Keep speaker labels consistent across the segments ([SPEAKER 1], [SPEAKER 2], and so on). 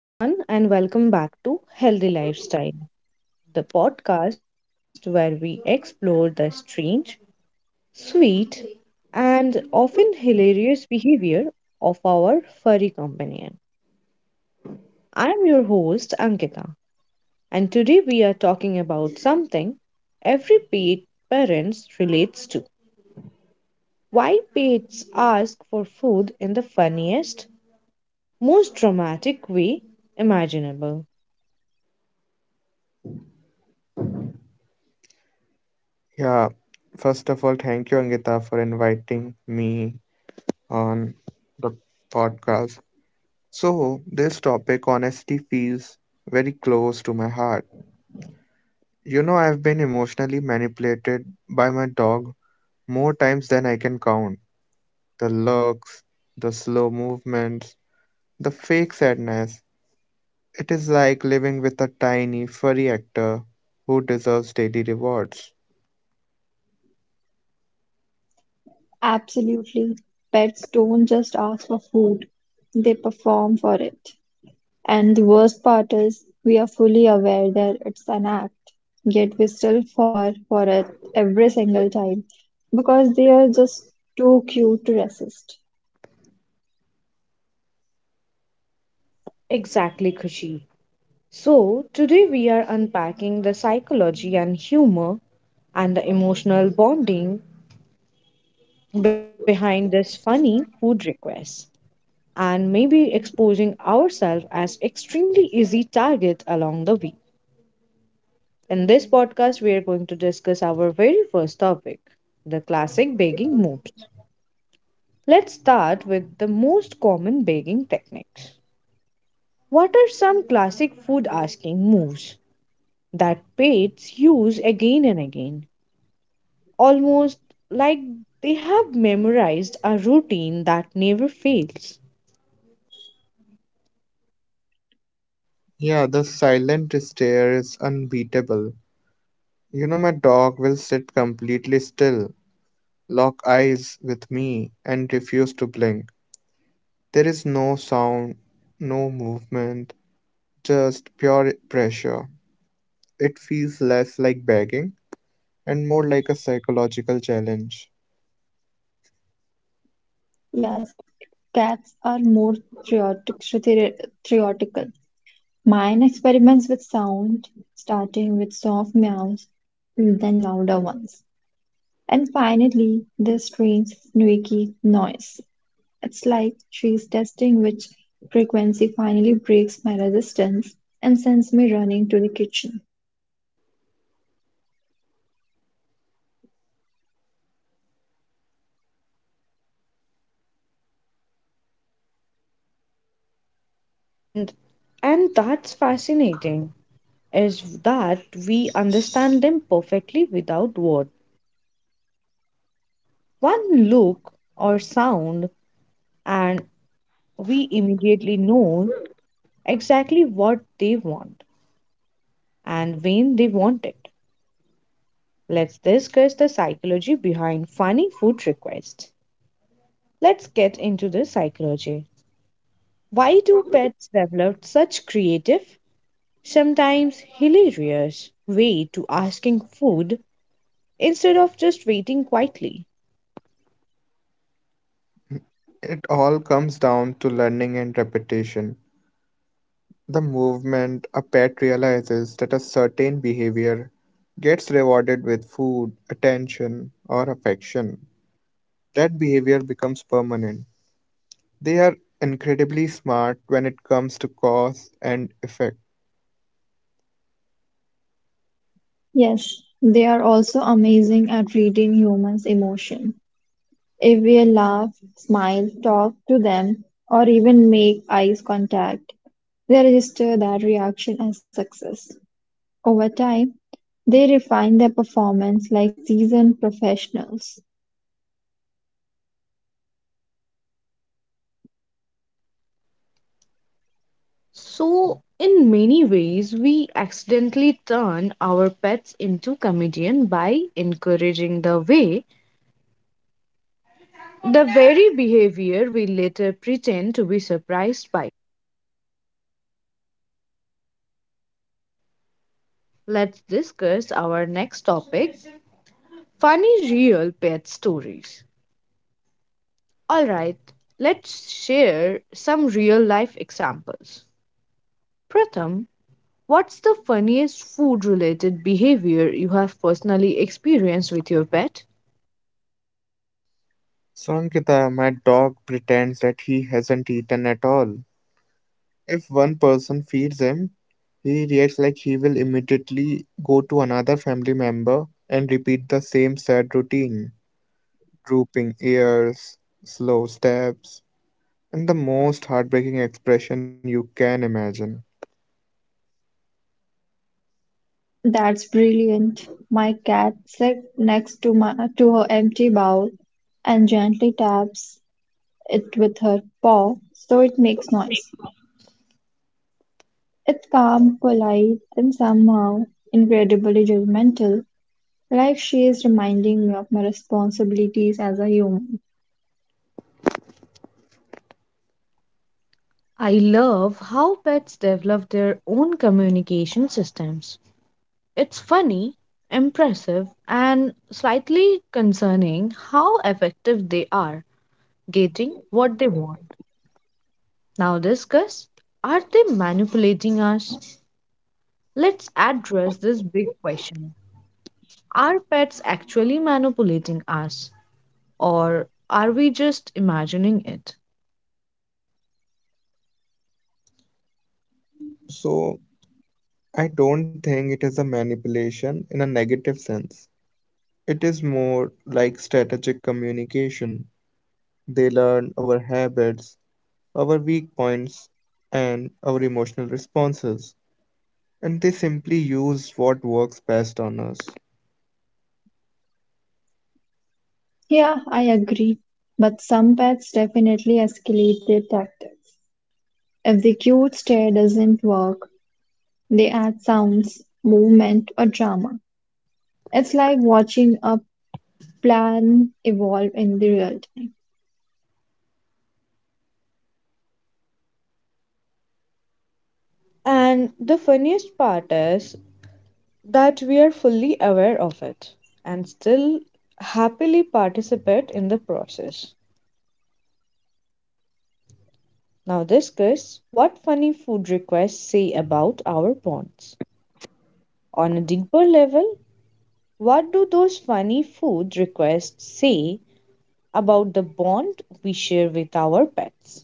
[SPEAKER 1] Hello, everyone, and welcome back to Healthy Lifestyle, the podcast where we explore the strange, sweet, and often hilarious behavior of our furry companion. I'm your host, Ankita, and today we are talking about something every pet parents relates to. Why pets ask for food in the funniest, most dramatic way imaginable.
[SPEAKER 2] Yeah, first of all, thank you, Angita, for inviting me on the podcast. So, this topic, honesty, feels very close to my heart. You know, I've been emotionally manipulated by my dog more times than I can count. The looks, the slow movements, the fake sadness. It is like living with a tiny, furry actor who deserves daily rewards.
[SPEAKER 3] Absolutely. Pets don't just ask for food, they perform for it. And the worst part is, we are fully aware that it's an act, yet we still fall for it every single time because they are just too cute to resist.
[SPEAKER 1] Exactly, Khushi. So, today we are unpacking the psychology and humor and the emotional bonding behind this funny food request and maybe exposing ourselves as extremely easy target along the way. In this podcast we are going to discuss our very first topic, the classic begging moves. Let's start with the most common begging techniques. What are some classic food asking moves that pets use again and again? Almost like they have memorized a routine that never fails.
[SPEAKER 2] Yeah, the silent stare is unbeatable. You know, my dog will sit completely still, lock eyes with me, and refuse to blink. There is no sound, no movement, just pure pressure. It feels less like begging and more like a psychological challenge.
[SPEAKER 3] Yes, cats are more theoretic, theoretical. Mine experiments with sound, starting with soft meows, then louder ones, and finally this strange squeaky noise. It's like she's testing which frequency finally breaks my resistance and sends me running to the kitchen.
[SPEAKER 1] And and that's fascinating is that we understand them perfectly without words. One look or sound and we immediately know exactly what they want and when they want it. Let's discuss the psychology behind funny food requests. Let's get into the psychology. Why do pets develop such creative, sometimes hilarious way to asking food instead of just waiting quietly?
[SPEAKER 2] It all comes down to learning and repetition. The movement a pet realizes that a certain behavior gets rewarded with food, attention, or affection, that behavior becomes permanent. They are incredibly smart when it comes to cause and effect.
[SPEAKER 3] Yes, they are also amazing at reading humans' emotion. If we laugh, smile, talk to them, or even make eye contact, they register that reaction as success. Over time, they refine their performance like seasoned professionals.
[SPEAKER 1] So, in many ways, we accidentally turn our pets into comedian by encouraging the way, the very behavior we later pretend to be surprised by. Let's discuss our next topic, funny real pet stories. Alright, let's share some real life examples. Pratham, what's the funniest food related behavior you have personally experienced with your pet?
[SPEAKER 2] Sankita, my dog, pretends that he hasn't eaten at all. If one person feeds him, he reacts like he will immediately go to another family member and repeat the same sad routine: drooping ears, slow steps, and the most heartbreaking expression you can imagine.
[SPEAKER 3] That's brilliant. My cat sits next to my to her empty bowl and gently taps it with her paw so it makes noise. It's calm, polite, and somehow incredibly judgmental, like she is reminding me of my responsibilities as a human.
[SPEAKER 1] I love how pets develop their own communication systems. It's funny, impressive, and slightly concerning how effective they are getting what they want. Now, discuss, are they manipulating us? Let's address this big question. Are pets actually manipulating us, or are we just imagining it?
[SPEAKER 2] So, I don't think it is a manipulation in a negative sense. It is more like strategic communication. They learn our habits, our weak points, and our emotional responses, and they simply use what works best on us.
[SPEAKER 3] Yeah, I agree. But some pets definitely escalate their tactics. If the cute stare doesn't work, they add sounds, movement, or drama. It's like watching a plan evolve in the real time.
[SPEAKER 1] And the funniest part is that we are fully aware of it and still happily participate in the process. Now, discuss what funny food requests say about our bonds. On a deeper level, what do those funny food requests say about the bond we share with our pets?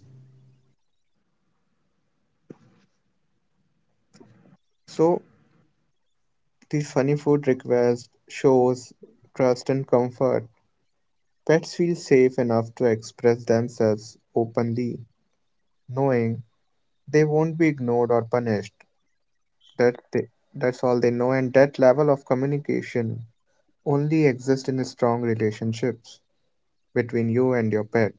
[SPEAKER 2] So, these funny food requests shows trust and comfort. Pets feel safe enough to express themselves openly, knowing they won't be ignored or punished. That they, that's all they know, and that level of communication only exist in strong relationships between you and your pet.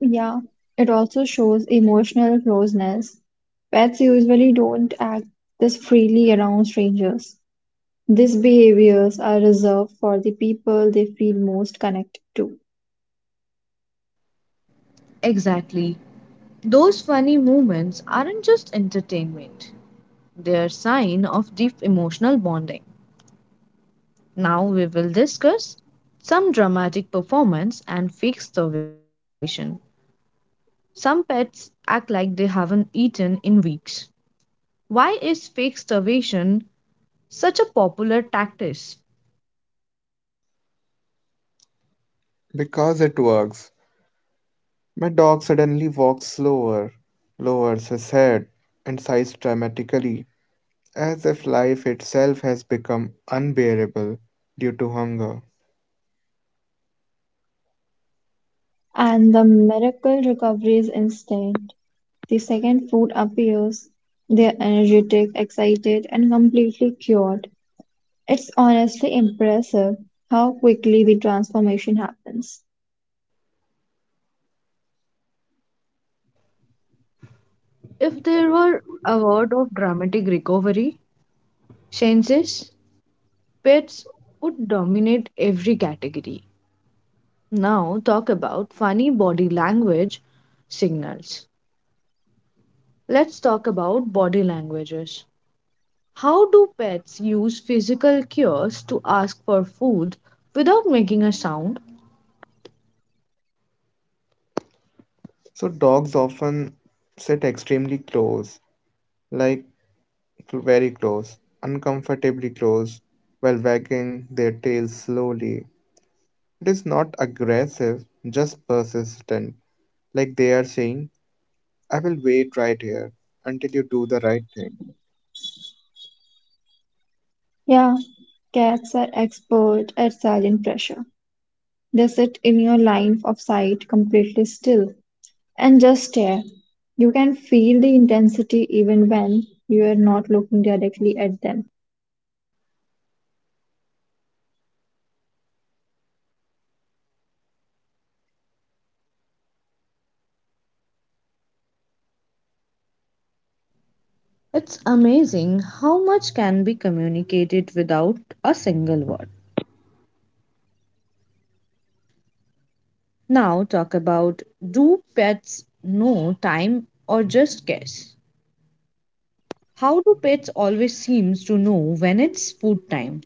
[SPEAKER 3] Yeah, it also shows emotional closeness. Pets usually don't act this freely around strangers. These behaviors are reserved for the people they feel most connected to.
[SPEAKER 1] Exactly. Those funny moments aren't just entertainment, they are sign of deep emotional bonding. Now we will discuss some dramatic performance and fake starvation. Some pets act like they haven't eaten in weeks. Why is fake starvation such a popular tactic?
[SPEAKER 2] Because it works. My dog suddenly walks slower, lowers his head, and sighs dramatically, as if life itself has become unbearable due to hunger.
[SPEAKER 3] And the miracle recovery is instant. The second food appears. They're energetic, excited, and completely cured. It's honestly impressive how quickly the transformation happens.
[SPEAKER 1] If there were a word of dramatic recovery, Shane says, pets would dominate every category. Now talk about funny body language signals. Let's talk about body languages. How do pets use physical cues to ask for food without making a sound?
[SPEAKER 2] So, dogs often sit extremely close, like very close, uncomfortably close, while wagging their tails slowly. It is not aggressive, just persistent, like they are saying, I will wait right here until you do the right thing.
[SPEAKER 3] Yeah, cats are expert at silent pressure. They sit in your line of sight completely still and just stare. You can feel the intensity even when you are not looking directly at them.
[SPEAKER 1] It's amazing how much can be communicated without a single word. Now, talk about, do pets know time or just guess? How do pets always seems to know when it's food time?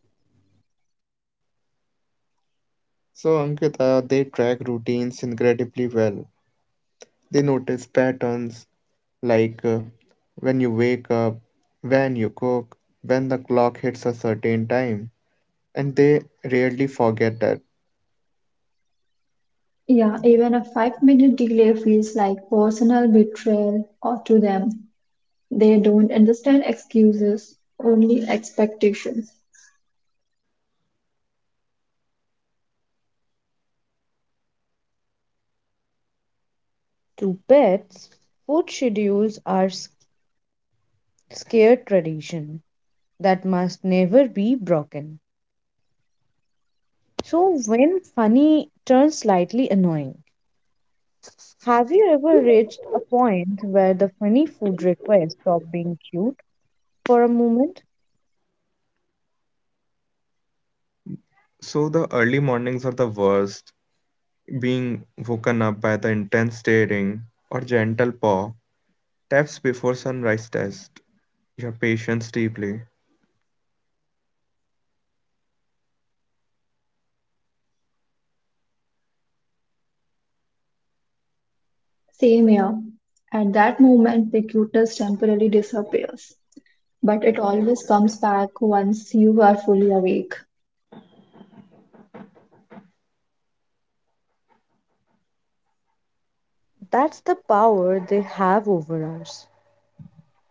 [SPEAKER 2] So, Ankita, they track routines incredibly well. They notice patterns like when you wake up, when you cook, when the clock hits a certain time, and they rarely forget that.
[SPEAKER 3] Yeah, even a 5-minute delay feels like personal betrayal or to them. They don't understand excuses, only expectations.
[SPEAKER 1] To pets, food schedules are scared tradition that must never be broken. So when funny turns slightly annoying, have you ever reached a point where the funny food request stopped being cute for a moment?
[SPEAKER 2] So the early mornings are the worst, being woken up by the intense staring or gentle paw taps before sunrise test your patience deeply.
[SPEAKER 3] Same here. At that moment, the cuteness temporarily disappears, but it always comes back once you are fully awake.
[SPEAKER 1] That's the power they have over us.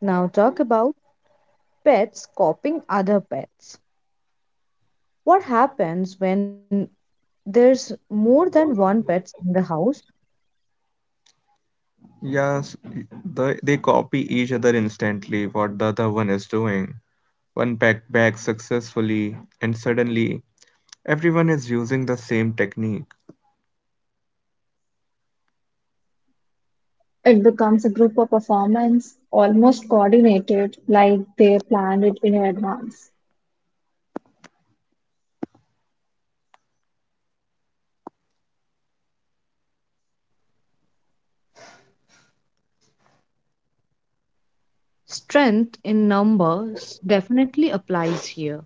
[SPEAKER 1] Now, talk about pets copying other pets. What happens when there's more than one pet in the house?
[SPEAKER 2] Yes, y- they copy each other instantly what the other one is doing. One packed bags successfully, and suddenly everyone is using the same technique.
[SPEAKER 3] It becomes a group of performance, almost coordinated, like they planned it in advance.
[SPEAKER 1] Strength in numbers definitely applies here.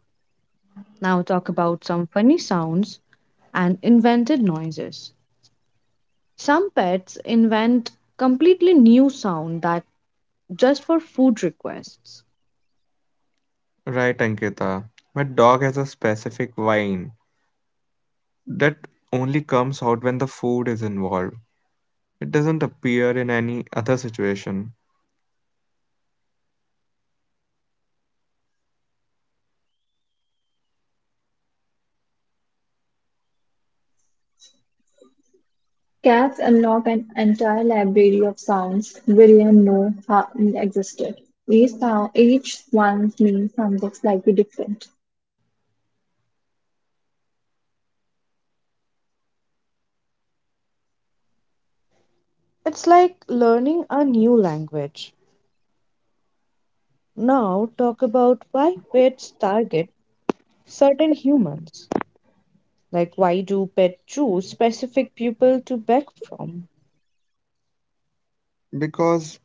[SPEAKER 1] Now, talk about some funny sounds and invented noises. Some pets invent completely new sound that just for food requests.
[SPEAKER 2] Right, Ankita. My dog has a specific whine that only comes out when the food is involved. It doesn't appear in any other situation
[SPEAKER 3] Cats unlock an entire library of sounds we didn't know how existed. Each one means something slightly different.
[SPEAKER 1] It's like learning a new language. Now, talk about why pets target certain humans. Like, why do pets choose specific people to beg from?
[SPEAKER 2] because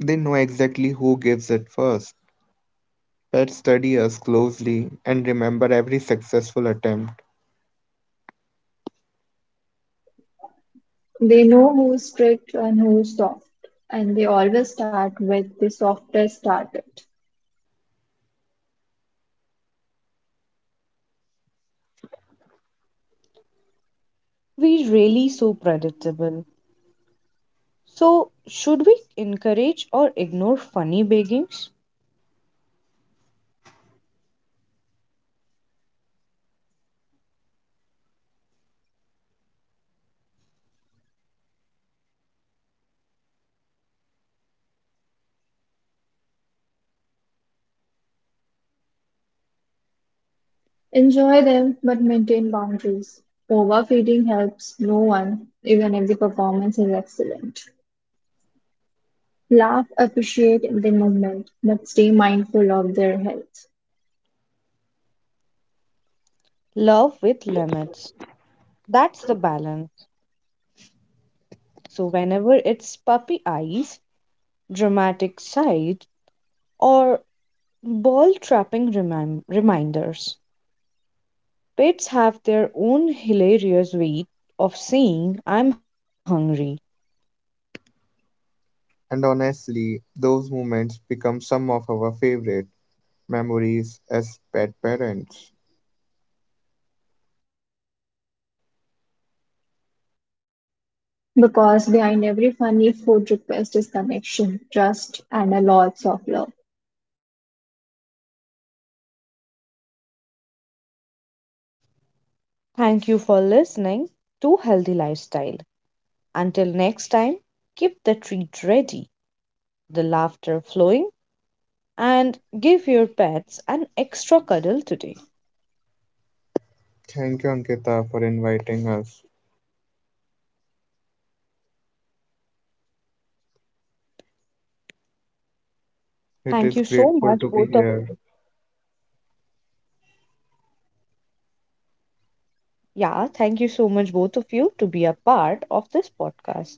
[SPEAKER 2] they know exactly who gives it first. Pets study us closely and remember every successful attempt.
[SPEAKER 3] They know who's strict and who's soft, and they always start with the softest started.
[SPEAKER 1] We really so predictable. So, should we encourage or ignore funny beggings?
[SPEAKER 3] Enjoy them, but maintain boundaries. Overfeeding helps no one, even if the performance is excellent. Laugh, appreciate the moment, but stay mindful of their health.
[SPEAKER 1] Love with limits. That's the balance. So, whenever it's puppy eyes, dramatic sight, or ball trapping reminders. Pets have their own hilarious way of saying, I'm hungry.
[SPEAKER 2] And honestly, those moments become some of our favorite memories as pet parents.
[SPEAKER 3] Because behind every funny food request is connection, trust, and a lot of love.
[SPEAKER 1] Thank you for listening to Healthy Lifestyle. Until next time, keep the treat ready, the laughter flowing, and give your pets an extra cuddle today.
[SPEAKER 2] Thank you, Ankita, for inviting us. It
[SPEAKER 1] Thank
[SPEAKER 2] is
[SPEAKER 1] you so
[SPEAKER 2] grateful
[SPEAKER 1] much,
[SPEAKER 2] to be
[SPEAKER 1] both of
[SPEAKER 2] here.
[SPEAKER 1] yeah, thank you so much, both of you, to be a part of this podcast.